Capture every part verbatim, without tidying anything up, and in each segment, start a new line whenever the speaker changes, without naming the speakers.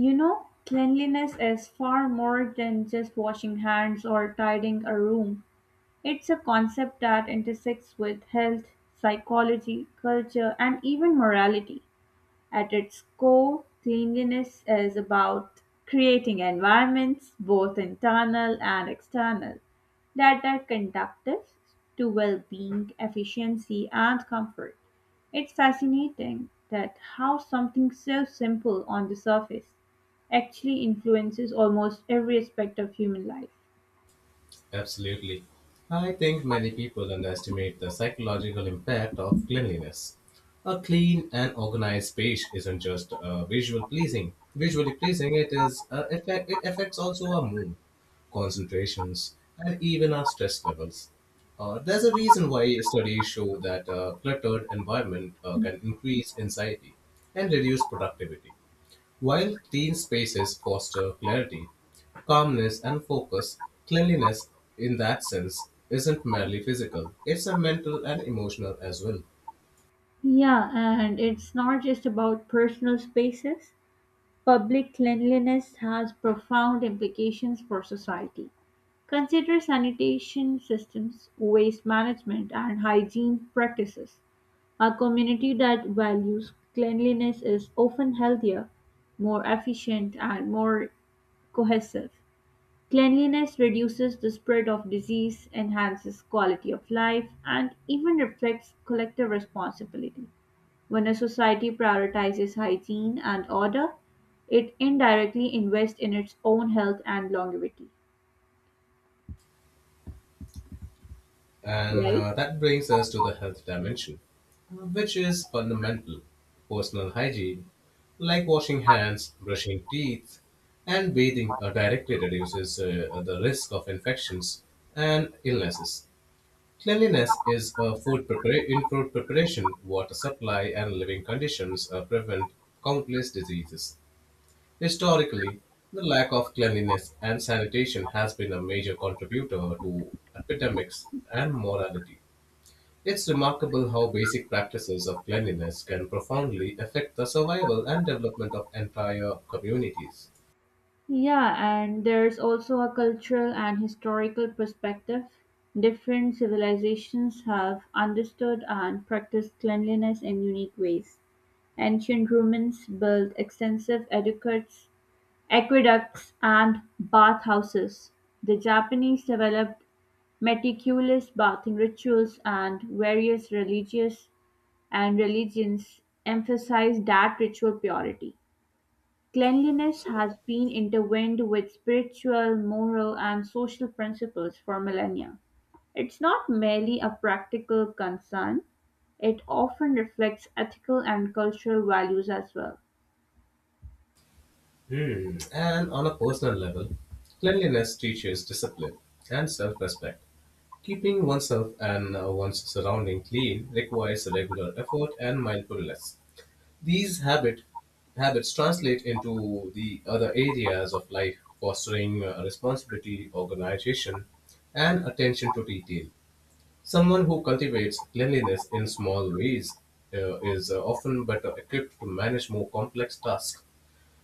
You know, cleanliness is far more than just washing hands or tidying a room. It's a concept that intersects with health, psychology, culture, and even morality. At its core, cleanliness is about creating environments, both internal and external, that are conductive to well being, efficiency, and comfort. It's fascinating that how something so simple on the surface actually influences almost every aspect of human life.
Absolutely. I think many people underestimate the psychological impact of cleanliness. A clean and organized space isn't just uh, visual pleasing. Visually pleasing, it is uh, affect, it affects also our mood, concentrations, and even our stress levels. Uh, there's a reason why studies show that a cluttered environment uh, can increase anxiety and reduce productivity. While clean spaces foster clarity, calmness and focus, cleanliness in that sense isn't merely physical, it's a mental and emotional as well.
Yeah, and it's not just about personal spaces. Public cleanliness has profound implications for society. Consider sanitation systems, waste management, and hygiene practices. A community that values cleanliness is often healthier, more efficient, and more cohesive. Cleanliness reduces the spread of disease, enhances quality of life, and even reflects collective responsibility. When a society prioritizes hygiene and order, it indirectly invests in its own health and longevity,
And
right?
uh, That brings us to the health dimension, which is fundamental. Personal hygiene, like washing hands, brushing teeth, and bathing, uh, directly reduces uh, the risk of infections and illnesses. Cleanliness is uh, food prepara- in food preparation, water supply, and living conditions uh, prevent countless diseases. Historically, the lack of cleanliness and sanitation has been a major contributor to epidemics and mortality. It's remarkable how basic practices of cleanliness can profoundly affect the survival and development of entire communities.
Yeah, and there's also a cultural and historical perspective. Different civilizations have understood and practiced cleanliness in unique ways. Ancient Romans built extensive aqueducts Aqueducts and bathhouses, the Japanese developed meticulous bathing rituals, and various religious and religions emphasize that ritual purity. Cleanliness
So,
has been intertwined with spiritual, moral, and social principles for millennia. It's not merely a practical concern, it often reflects ethical and cultural values as well.
hmm, and on a personal level, cleanliness teaches discipline and self respect. Keeping oneself and uh, one's surrounding clean requires regular effort and mindfulness. These habit, habits translate into the other areas of life, fostering uh, responsibility, organization, and attention to detail. Someone who cultivates cleanliness in small ways uh, is uh, often better equipped to manage more complex tasks,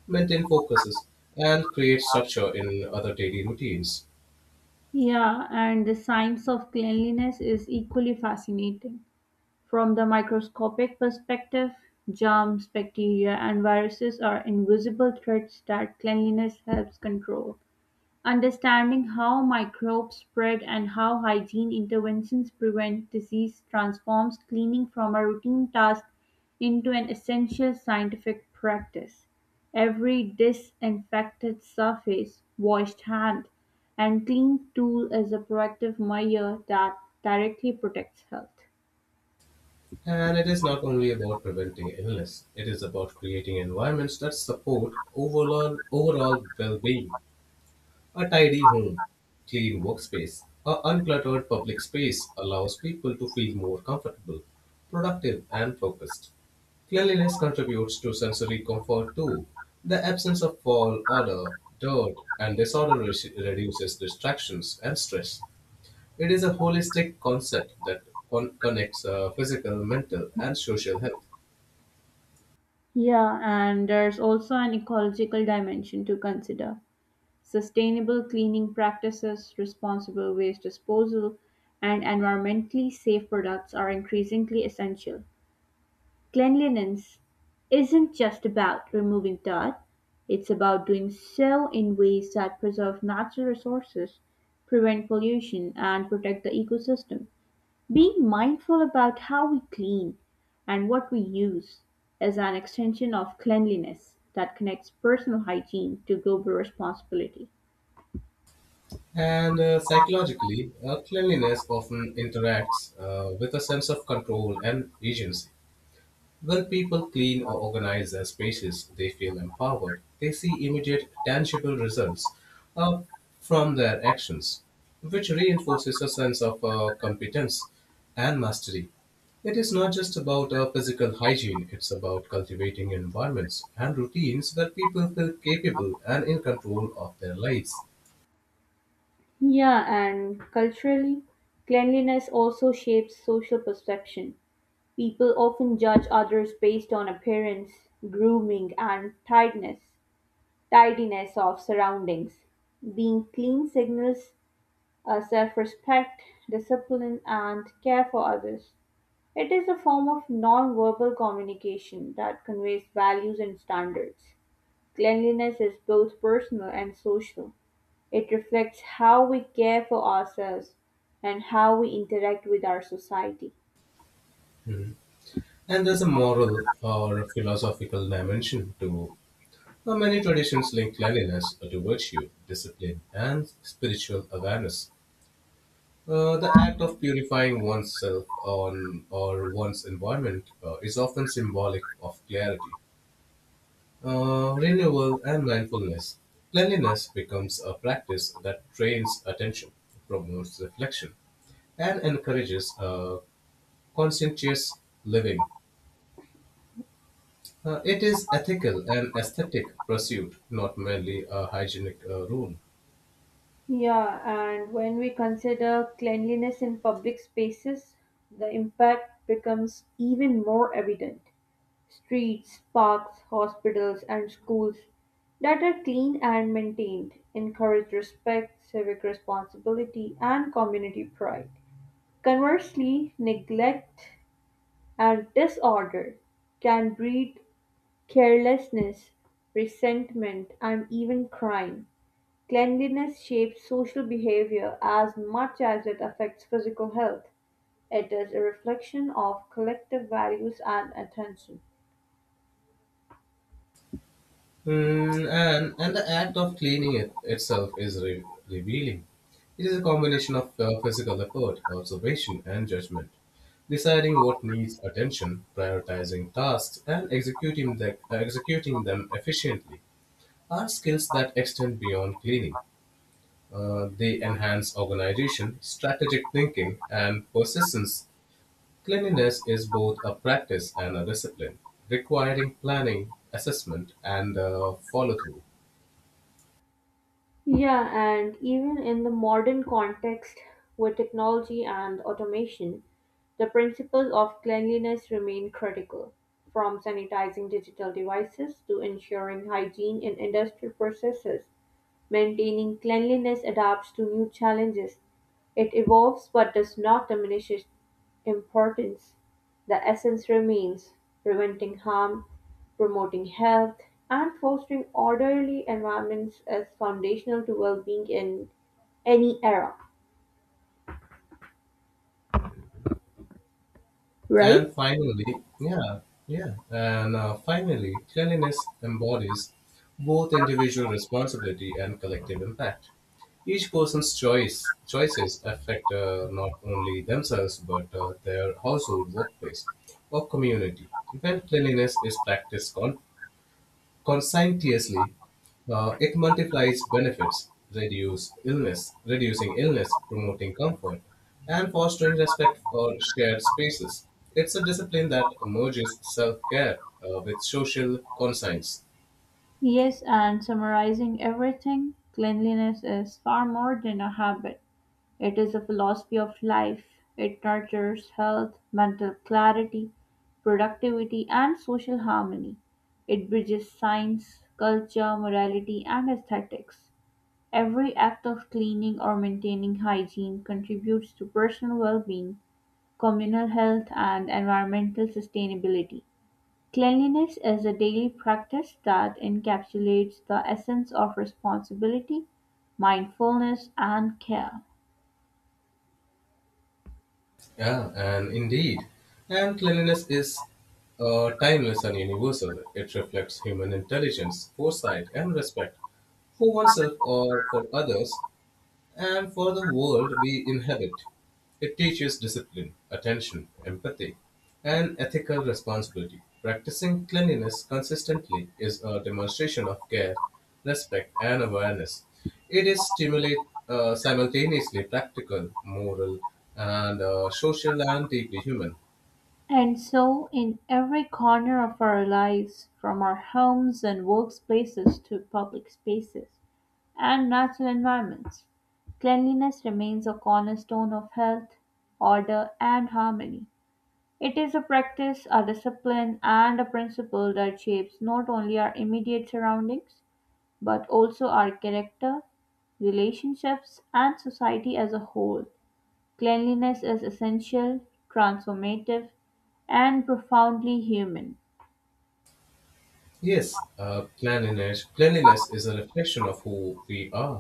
maintain focuses, and create structure in other daily routines.
Yeah, and the science of cleanliness is equally fascinating. From the microscopic perspective, germs, bacteria, and viruses are invisible threats that cleanliness helps control. Understanding how microbes spread and how hygiene interventions prevent disease transforms cleaning from a routine task into an essential scientific practice. Every disinfected surface, washed hand, and clean tool is a proactive measure that directly protects health.
And it is not only about preventing illness, it is about creating environments that support overall, overall well being. A tidy home, clean workspace, a uncluttered public space allows people to feel more comfortable, productive, and focused. Cleanliness contributes to sensory comfort too. The absence of foul odor, dirt, and disorder re- reduces distractions and stress. It is a holistic concept that con- connects uh, physical, mental, and social health.
Yeah, and there's also an ecological dimension to consider. Sustainable cleaning practices, responsible waste disposal, and environmentally safe products are increasingly essential. Cleanliness isn't just about removing dirt, it's about doing so in ways that preserve natural resources, prevent pollution, and protect the ecosystem. Being mindful about how we clean and what we use is an extension of cleanliness that connects personal hygiene to global responsibility.
And uh, Psychologically, uh, cleanliness often interacts uh, with a sense of control and agency. When people clean or organize their spaces, they feel empowered. They see immediate, tangible results uh, from their actions, which reinforces a sense of uh, competence and mastery. It is not just about uh, physical hygiene, it's about cultivating environments and routines where people feel capable and in control of their lives.
Yeah, and culturally, cleanliness also shapes social perception. People often judge others based on appearance, grooming, and tidiness, tidiness of surroundings. Being clean signals uh, self respect, discipline, and care for others. It is a form of non verbal communication that conveys values and standards. Cleanliness is both personal and social. It reflects how we care for ourselves and how we interact with our society.
Mhm. And there's a moral or philosophical dimension to. Now, Many traditions link cleanliness to virtue, discipline, and spiritual awareness. Uh, the act of purifying oneself on or one's environment uh, is often symbolic of clarity, uh, renewal, and mindfulness. Cleanliness becomes a practice that trains attention, promotes reflection, and encourages uh, conscientious living. Uh, it is ethical and aesthetic pursuit, not merely a hygienic uh, rule.
Yeah, and when we consider cleanliness in public spaces, the impact becomes even more evident. Streets, parks, hospitals, and schools that are clean and maintained encourage respect, civic responsibility, and community pride. Conversely, neglect and disorder can breed carelessness, resentment, and even crime. Cleanliness shapes social behavior as much as it affects physical health. It is a reflection of collective values and attention.
Mm, and, and the act of cleaning it itself is re- revealing. It is a combination of uh, physical effort, observation, and judgment, deciding what needs attention, prioritizing tasks, and executing, the, uh, executing them efficiently. Are skills that extend beyond cleaning. Uh, they enhance organization, strategic thinking, and persistence. Cleanliness is both a practice and a discipline, requiring planning, assessment, and follow through.
Yeah, and even in the modern context with technology and automation, the principles of cleanliness remain critical, from sanitizing digital devices to ensuring hygiene in industrial processes. Maintaining cleanliness adapts to new challenges. It evolves but does not diminish its importance. The essence remains preventing harm, promoting health, and fostering orderly environments is foundational to well being in any era, right?
And finally, yeah, yeah, and uh, finally, cleanliness embodies both individual responsibility and collective impact. Each person's choice choices affect uh, not only themselves but uh, their household, workplace, or community. When cleanliness is practiced conscientiously, uh, it multiplies benefits, reduce illness, reducing illness, promoting comfort, and fostering respect for shared spaces. It's a discipline that merges self-care uh, with social conscience.
Yes, and summarizing everything, cleanliness is far more than a habit. It is a philosophy of life. It nurtures health, mental clarity, productivity, and social harmony. It bridges science, culture, morality, and aesthetics. Every act of cleaning or maintaining hygiene contributes to personal well being, communal health, and environmental sustainability. Cleanliness is a daily practice that encapsulates the essence of responsibility, mindfulness, and care.
Yeah, and indeed, and cleanliness is uh, timeless and universal. It reflects human intelligence, foresight, and respect for oneself or for others and for the world we inhabit. It teaches discipline, attention, empathy, and ethical responsibility. Practicing cleanliness consistently is a demonstration of care, respect, and awareness. It is stimulate uh, simultaneously practical, moral, and uh, social, and deeply human.
And so in every corner of our lives, from our homes and workplaces to public spaces and natural environments, cleanliness remains a cornerstone of health, order, and harmony. It is a practice, a discipline, and a principle that shapes not only our immediate surroundings, but also our character, relationships, and society as a whole. Cleanliness is essential, transformative, and profoundly human.
Yes, uh, cleanliness, cleanliness is a reflection of who we are,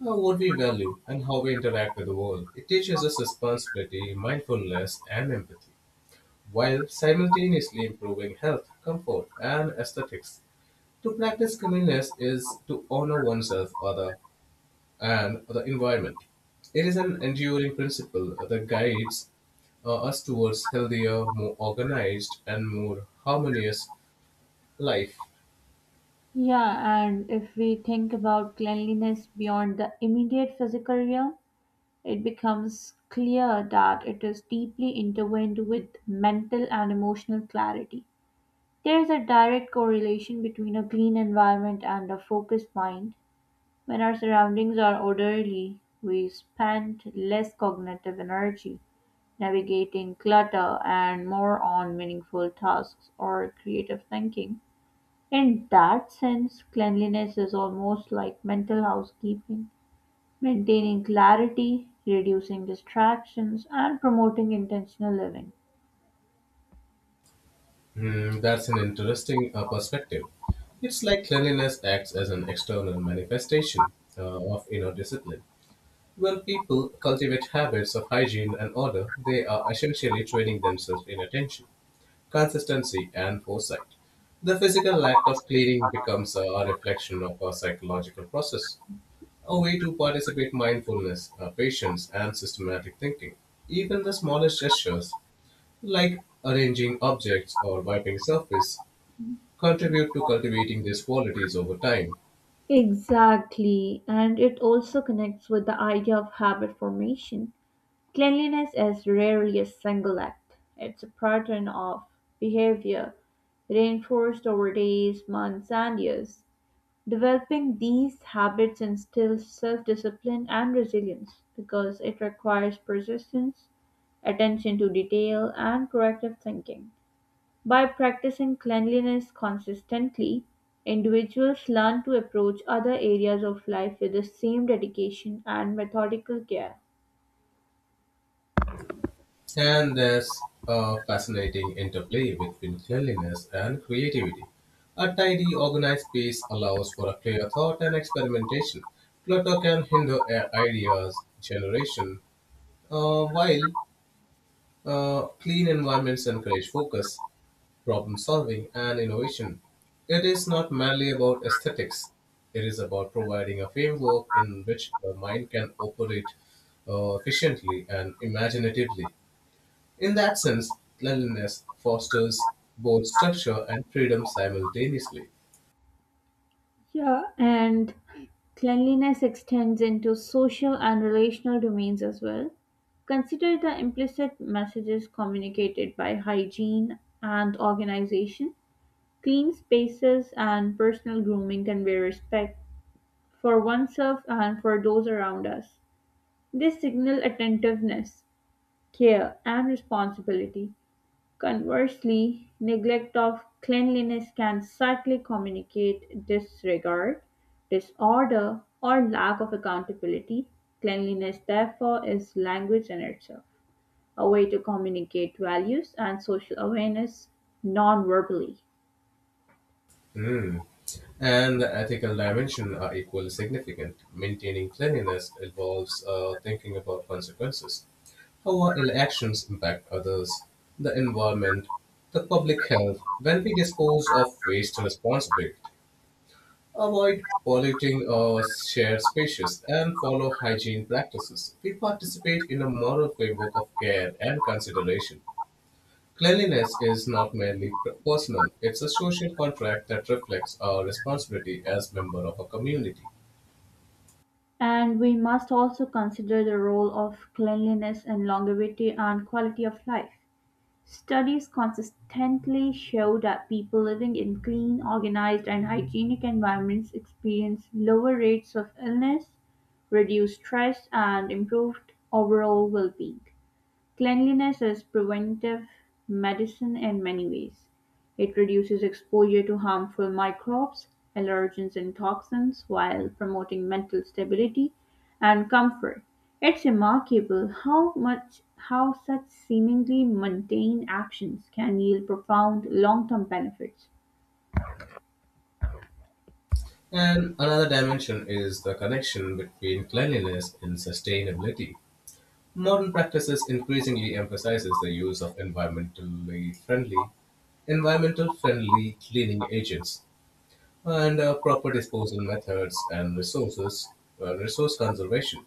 uh, what we value, and how we interact with the world. It teaches us responsibility, mindfulness, and empathy, while simultaneously improving health, comfort, and aesthetics. To practice cleanliness is to honor oneself, other, and the environment. It is an enduring principle that guides uh, us towards healthier, more organized, and more harmonious life.
Yeah, and if we think about cleanliness beyond the immediate physical realm, it becomes clear that it is deeply intertwined with mental and emotional clarity. There is a direct correlation between a clean environment and a focused mind. When our surroundings are orderly, we spend less cognitive energy navigating clutter, and more on meaningful tasks or creative thinking. In that sense, cleanliness is almost like mental housekeeping, maintaining clarity, reducing distractions, and promoting intentional living.
Hmm, that's an interesting uh, perspective. It's like cleanliness acts as an external manifestation uh, of inner discipline. When people cultivate habits of hygiene and order, they are essentially training themselves in attention, consistency, and foresight. The physical act of cleaning becomes a reflection of a psychological process, a way to participate mindfulness, uh, patience, and systematic thinking. Even the smallest gestures, like arranging objects or wiping surface, contribute to cultivating these qualities over time.
Exactly, and it also connects with the idea of habit formation. Cleanliness is rarely a single act, it's a pattern of behavior reinforced over days, months, and years. Developing these habits instills self-discipline and resilience, because it requires persistence, attention to detail, and proactive thinking. By practicing cleanliness consistently, individuals learn to approach other areas of life with the same dedication and methodical care.
And there's a fascinating interplay between cleanliness and creativity. A tidy, organized space allows for a clear thought and experimentation. Clutter can hinder a- ideas generation, uh, while Uh, clean environments encourage focus, problem solving, and innovation. It is not merely about aesthetics, it is about providing a framework in which the mind can operate uh, efficiently and imaginatively. In that sense, cleanliness fosters both structure and freedom simultaneously.
Yeah, and cleanliness extends into social and relational domains as well. Consider the implicit messages communicated by hygiene and organization. Clean spaces and personal grooming convey respect for oneself and for those around us. They signal attentiveness, care, and responsibility. Conversely, neglect of cleanliness can subtly communicate disregard, disorder, or lack of accountability. Cleanliness, therefore, is language in itself, a way to communicate values and social awareness non verbally.
Hmm. And the ethical dimension are equally significant. Maintaining cleanliness involves uh, thinking about consequences. How our elections impact others, the environment, the public health. When we dispose of waste responsibly, avoid polluting our shared spaces, and follow hygiene practices, we participate in a moral framework of care and consideration. Cleanliness is not merely per- personal, it's a social contract that reflects our responsibility as member of a community.
And we must also consider the role of cleanliness in longevity and quality of life. Studies consistently show that people living in clean, organized, and hygienic environments experience lower rates of illness, reduced stress, and improved overall well-being. Cleanliness is preventive medicine in many ways. It reduces exposure to harmful microbes, allergens, and toxins while promoting mental stability and comfort. It's remarkable how much how such seemingly mundane actions can yield profound long-term benefits.
And another dimension is the connection between cleanliness and sustainability. Modern practices increasingly emphasizes the use of environmentally friendly, environmental friendly cleaning agents and uh, proper disposal methods and resources, uh, resource conservation.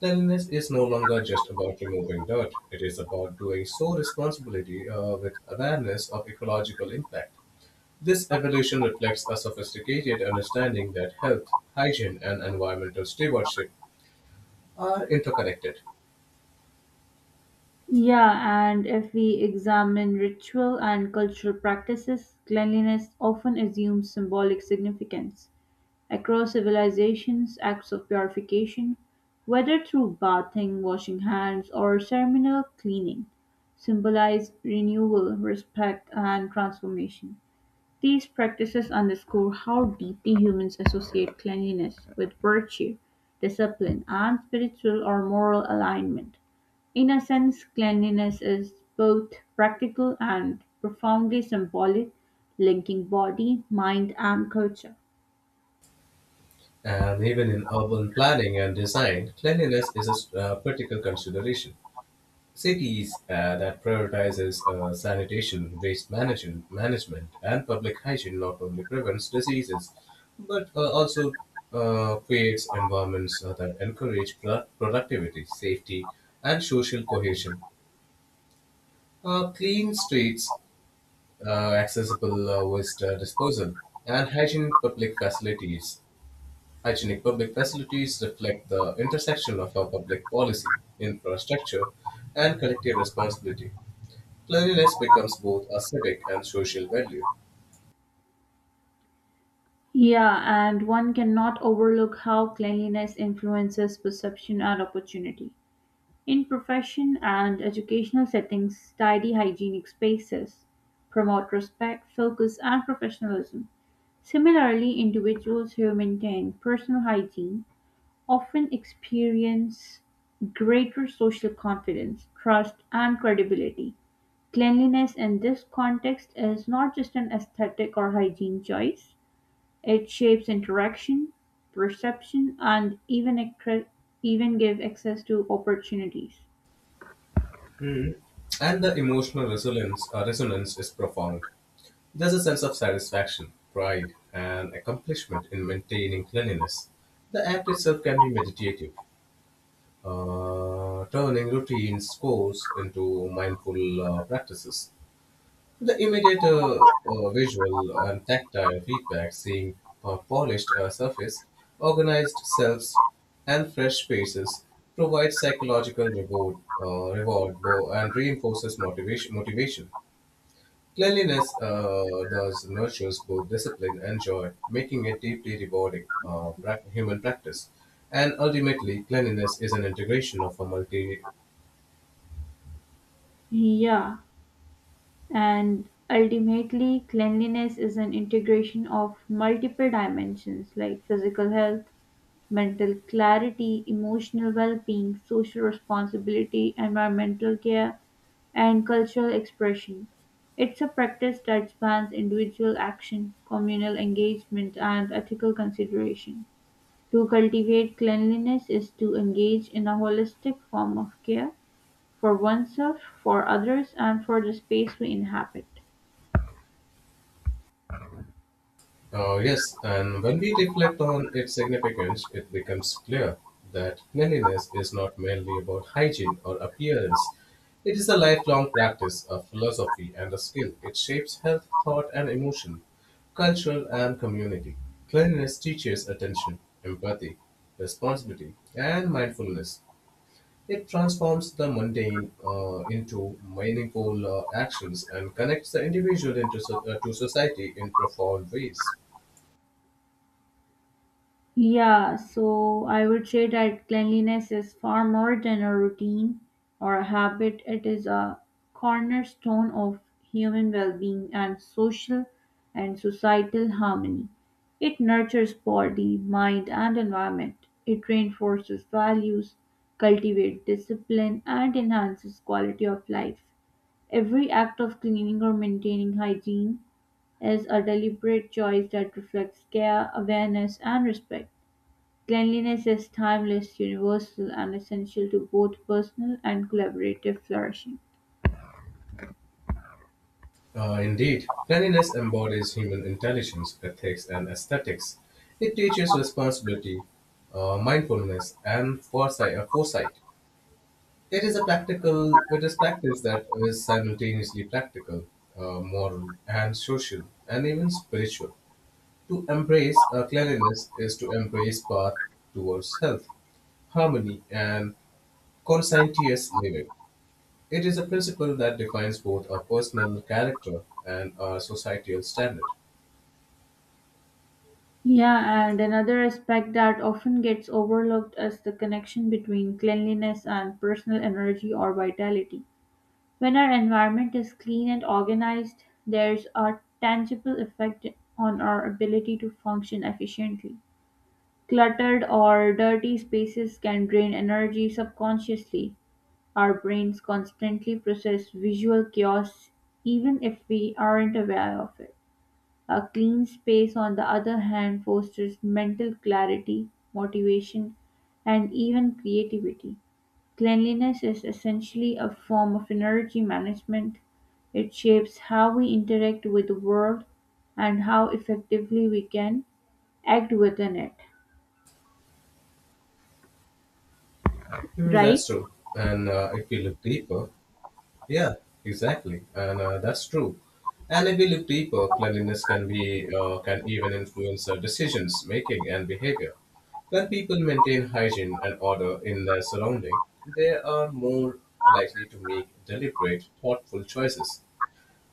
Cleanliness is no longer just about removing dirt; it is about doing so responsibility uh, with awareness of ecological impact. This evolution reflects a sophisticated understanding that health, hygiene, and environmental stewardship are interconnected.
Yeah, and if we examine ritual and cultural practices, cleanliness often assumes symbolic significance. Across civilizations, acts of purification, whether through bathing, washing hands, or ceremonial cleaning, symbolize renewal, respect, and transformation. These practices underscore how deeply humans associate cleanliness with virtue, discipline, and spiritual or moral alignment. In a sense, cleanliness is both practical and profoundly symbolic, linking body, mind, and culture.
And even in urban planning and design, cleanliness is a uh, critical consideration. Cities uh, that prioritizes uh, sanitation, waste management, management, and public hygiene not only prevents diseases, but uh, also uh, creates environments uh, that encourage pro- productivity, safety, and social cohesion. Uh, clean streets, uh, accessible uh, waste uh, disposal, and hygienic public facilities hygienic public facilities reflect the intersection of our public policy, infrastructure, and collective responsibility. Cleanliness becomes both a civic and social value.
Yeah, and one cannot overlook how cleanliness influences perception and opportunity. In profession and educational settings, tidy hygienic spaces promote respect, focus, and professionalism. Similarly, individuals who maintain personal hygiene often experience greater social confidence, trust, and credibility. Cleanliness in this context is not just an aesthetic or hygiene choice, it shapes interaction, perception, and even accre- even give access to opportunities.
Hmm. and the emotional resonance, uh, resonance is profound. There's a sense of satisfaction, pride, and accomplishment in maintaining cleanliness. The act itself can be meditative, uh, turning routine scores into mindful uh, practices. The immediate uh, uh, visual and tactile feedback, seeing a polished uh, surface, organized cells, and fresh faces, provides psychological reward, uh, reward bo- and reinforces motivation. motivation. Cleanliness uh, thus nurtures both discipline and joy, making it deeply rewarding uh, prac- human practice. And ultimately, cleanliness is an integration of a multi
Yeah, and ultimately, cleanliness is an integration of multiple dimensions like physical health, mental clarity, emotional well being, social responsibility, environmental care, and cultural expression. It's a practice that spans individual action, communal engagement, and ethical consideration. To cultivate cleanliness is to engage in a holistic form of care, for oneself, for others, and for the space we inhabit.
Uh, yes, and when we reflect on its significance, it becomes clear that cleanliness is not merely about hygiene or appearance. It is a lifelong practice, a philosophy, and a skill. It shapes health, thought, and emotion, culture, and community. Cleanliness teaches attention, empathy, responsibility, and mindfulness. It transforms the mundane uh, into meaningful uh, actions and connects the individual into, so- uh, to society in profound ways.
Yeah, so I would say that cleanliness is far more than a routine or a habit. It is a cornerstone of human well being and social and societal harmony. It nurtures body, mind, and environment. It reinforces values, cultivates discipline, and enhances quality of life. Every act of cleaning or maintaining hygiene is a deliberate choice that reflects care, awareness, and respect. Cleanliness is timeless, universal, and essential to both personal and collaborative flourishing.
Uh, Indeed, cleanliness embodies human intelligence, ethics, and aesthetics. It teaches responsibility, uh, mindfulness, and foresight. uh, foresight. It is a practical. It is practice that is simultaneously practical, uh, moral, and social, and even spiritual. To embrace uh, cleanliness is to embrace path towards health, harmony, and conscientious living. It is a principle that defines both our personal character and our societal standard.
Yeah, and another aspect that often gets overlooked is the connection between cleanliness and personal energy or vitality. When our environment is clean and organized, there's a tangible effect on our ability to function efficiently. Cluttered or dirty spaces can drain energy subconsciously. Our brains constantly process visual chaos even if we aren't aware of it. A clean space, on the other hand, fosters mental clarity, motivation, and even creativity. Cleanliness is essentially a form of energy management. It shapes how we interact with the world and how effectively we can act within it,
Hmm,
right?
that's true. And uh, if we look deeper, yeah, exactly. And uh, that's true. And if we look deeper, cleanliness can be uh, can even influence our decisions making and behavior. When people maintain hygiene and order in their surrounding, they are more likely to make deliberate, thoughtful choices.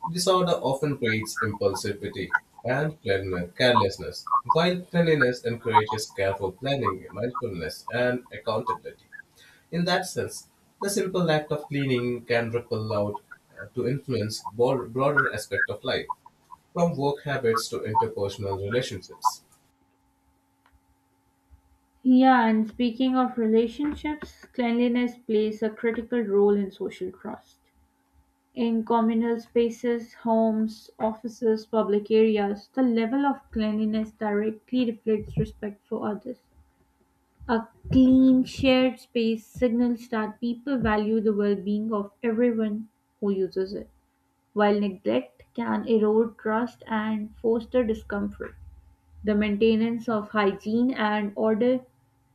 Disorder often breeds impulsivity and clean- carelessness, while cleanliness encourages careful planning, mindfulness, and accountability. In that sense, the simple act of cleaning can ripple out uh, to influence bor- broader aspect of life, from work habits to interpersonal relationships.
Yeah, and speaking of relationships, cleanliness plays a critical role in social trust. In communal spaces, homes, offices, public areas, the level of cleanliness directly reflects respect for others. A clean shared space signals that people value the well being of everyone who uses it, while neglect can erode trust and foster discomfort. The maintenance of hygiene and order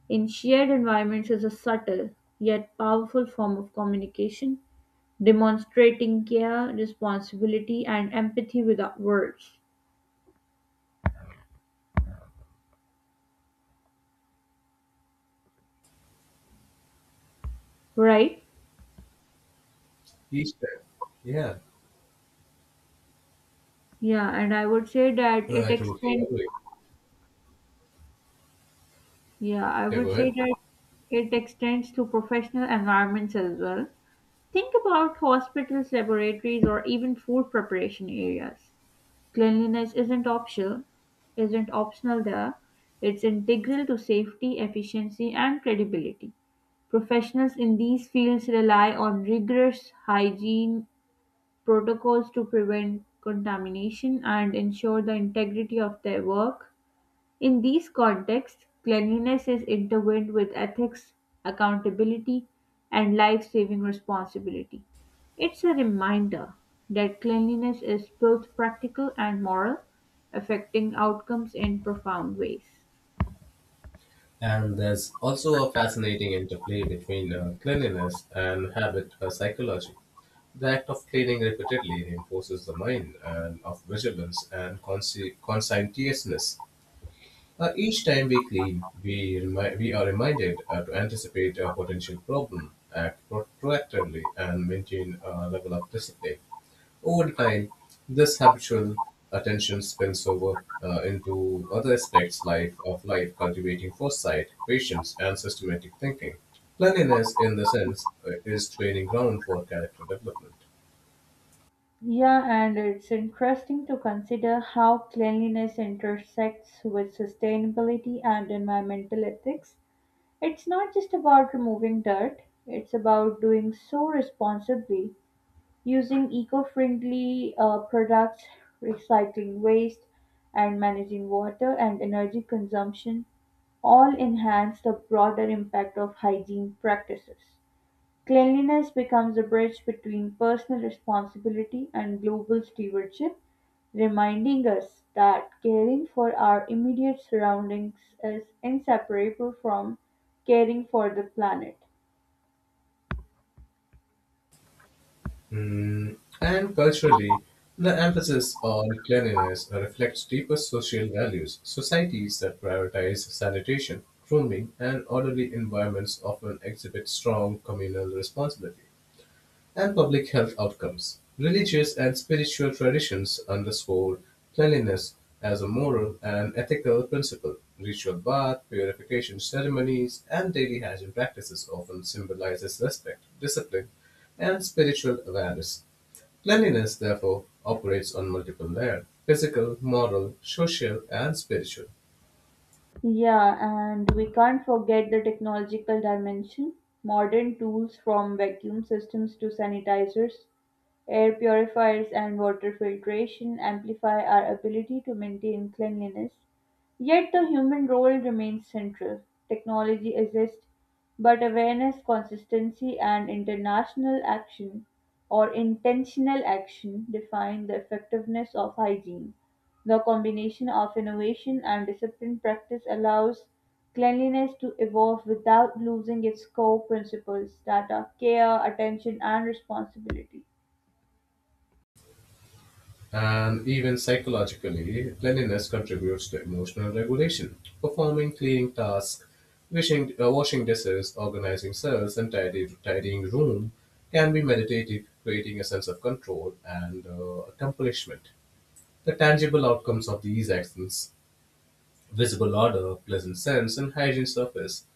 in shared environments is a subtle yet powerful form of communication, demonstrating care, responsibility, and empathy without words. Right?
Each time, yeah,
Yeah, and I would say that
uh,
it
I totally
extends.
agree.
Yeah, I
Yeah, go
would say
ahead.
that it extends to professional environments as well. Think about hospitals, laboratories, or even food preparation areas. Cleanliness isn't optional, isn't optional there. It's integral to safety, efficiency, and credibility. Professionals in these fields rely on rigorous hygiene protocols to prevent contamination and ensure the integrity of their work. In these contexts, cleanliness is intertwined with ethics, accountability, and life saving responsibility. It's a reminder that cleanliness is both practical and moral, affecting outcomes in profound ways.
And there's also a fascinating interplay between uh, cleanliness and habit uh, psychology. The act of cleaning repeatedly reinforces the mind and of vigilance and consci- conscientiousness. Uh, each time we clean, we, remi- we are reminded uh, to anticipate a potential problem, act pro- proactively, and maintain a level of discipline. Over time, this habitual attention spills over uh, into other aspects life of life, cultivating foresight, patience, and systematic thinking. Cleanliness, in the sense, uh, is training ground for character development.
Yeah, and it's interesting to consider how cleanliness intersects with sustainability and environmental ethics. It's not just about removing dirt, it's about doing so responsibly, using eco-friendly uh, products, recycling waste, and managing water and energy consumption all enhance the broader impact of hygiene practices. Cleanliness becomes a bridge between personal responsibility and global stewardship, reminding us that caring for our immediate surroundings is inseparable from caring for the planet.
Mm, and culturally, the emphasis on cleanliness reflects deeper social values. Societies that prioritize sanitation, grooming, and orderly environments often exhibit strong communal responsibility and public health outcomes. Religious and spiritual traditions underscore cleanliness as a moral and ethical principle. Ritual bath, purification ceremonies, and daily hygiene practices often symbolizes respect, discipline, and spiritual awareness. Cleanliness, therefore, operates on multiple layers: physical, moral, social, and spiritual.
Yeah, and we can't forget the technological dimension. Modern tools from vacuum systems to sanitizers, air purifiers, and water filtration amplify our ability to maintain cleanliness. Yet the human role remains central. Technology exists, but awareness, consistency, and international action or intentional action define the effectiveness of hygiene. The combination of innovation and disciplined practice allows cleanliness to evolve without losing its core principles that are care, attention, and responsibility.
And even psychologically, cleanliness contributes to emotional regulation. Performing cleaning tasks, wishing, uh, washing dishes, organizing cells, and tidy, tidying room can be meditative, creating a sense of control and uh, accomplishment. The tangible outcomes of these actions visible order, pleasant scents, and hygiene surface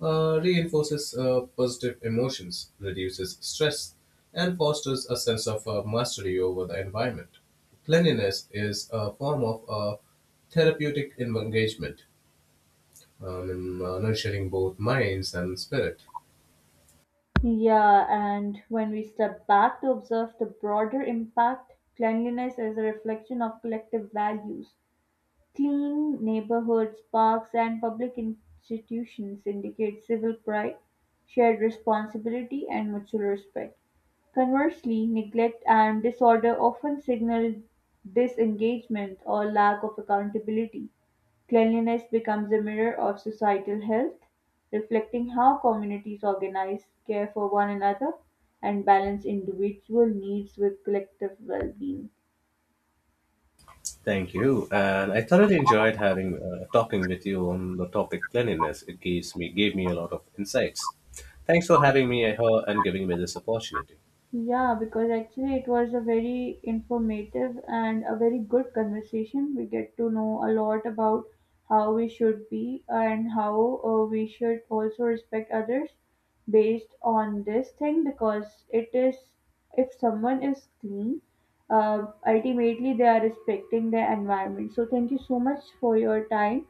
uh, reinforces uh, positive emotions, reduces stress, and fosters a sense of uh, mastery over the environment. Cleanliness is a form of uh, therapeutic engagement, um, in, uh, nurturing both minds and spirit.
Yeah, and when we step back to observe the broader impact, cleanliness is a reflection of collective values. Clean neighborhoods, parks, and public institutions indicate civil pride, shared responsibility, and mutual respect. Conversely, neglect and disorder often signal disengagement or lack of accountability. Cleanliness becomes a mirror of societal health, reflecting how communities organize, care for one another, and balance individual needs with collective well being.
Thank you. And I thoroughly enjoyed having uh, talking with you on the topic cleanliness. It gives me gave me a lot of insights. Thanks for having me here and giving me this opportunity.
Yeah, because actually it was a very informative and a very good conversation. We get to know a lot about how we should be and how uh, we should also respect others based on this thing because it is, if someone is clean, uh, ultimately they are respecting their environment. So, thank you so much for your time.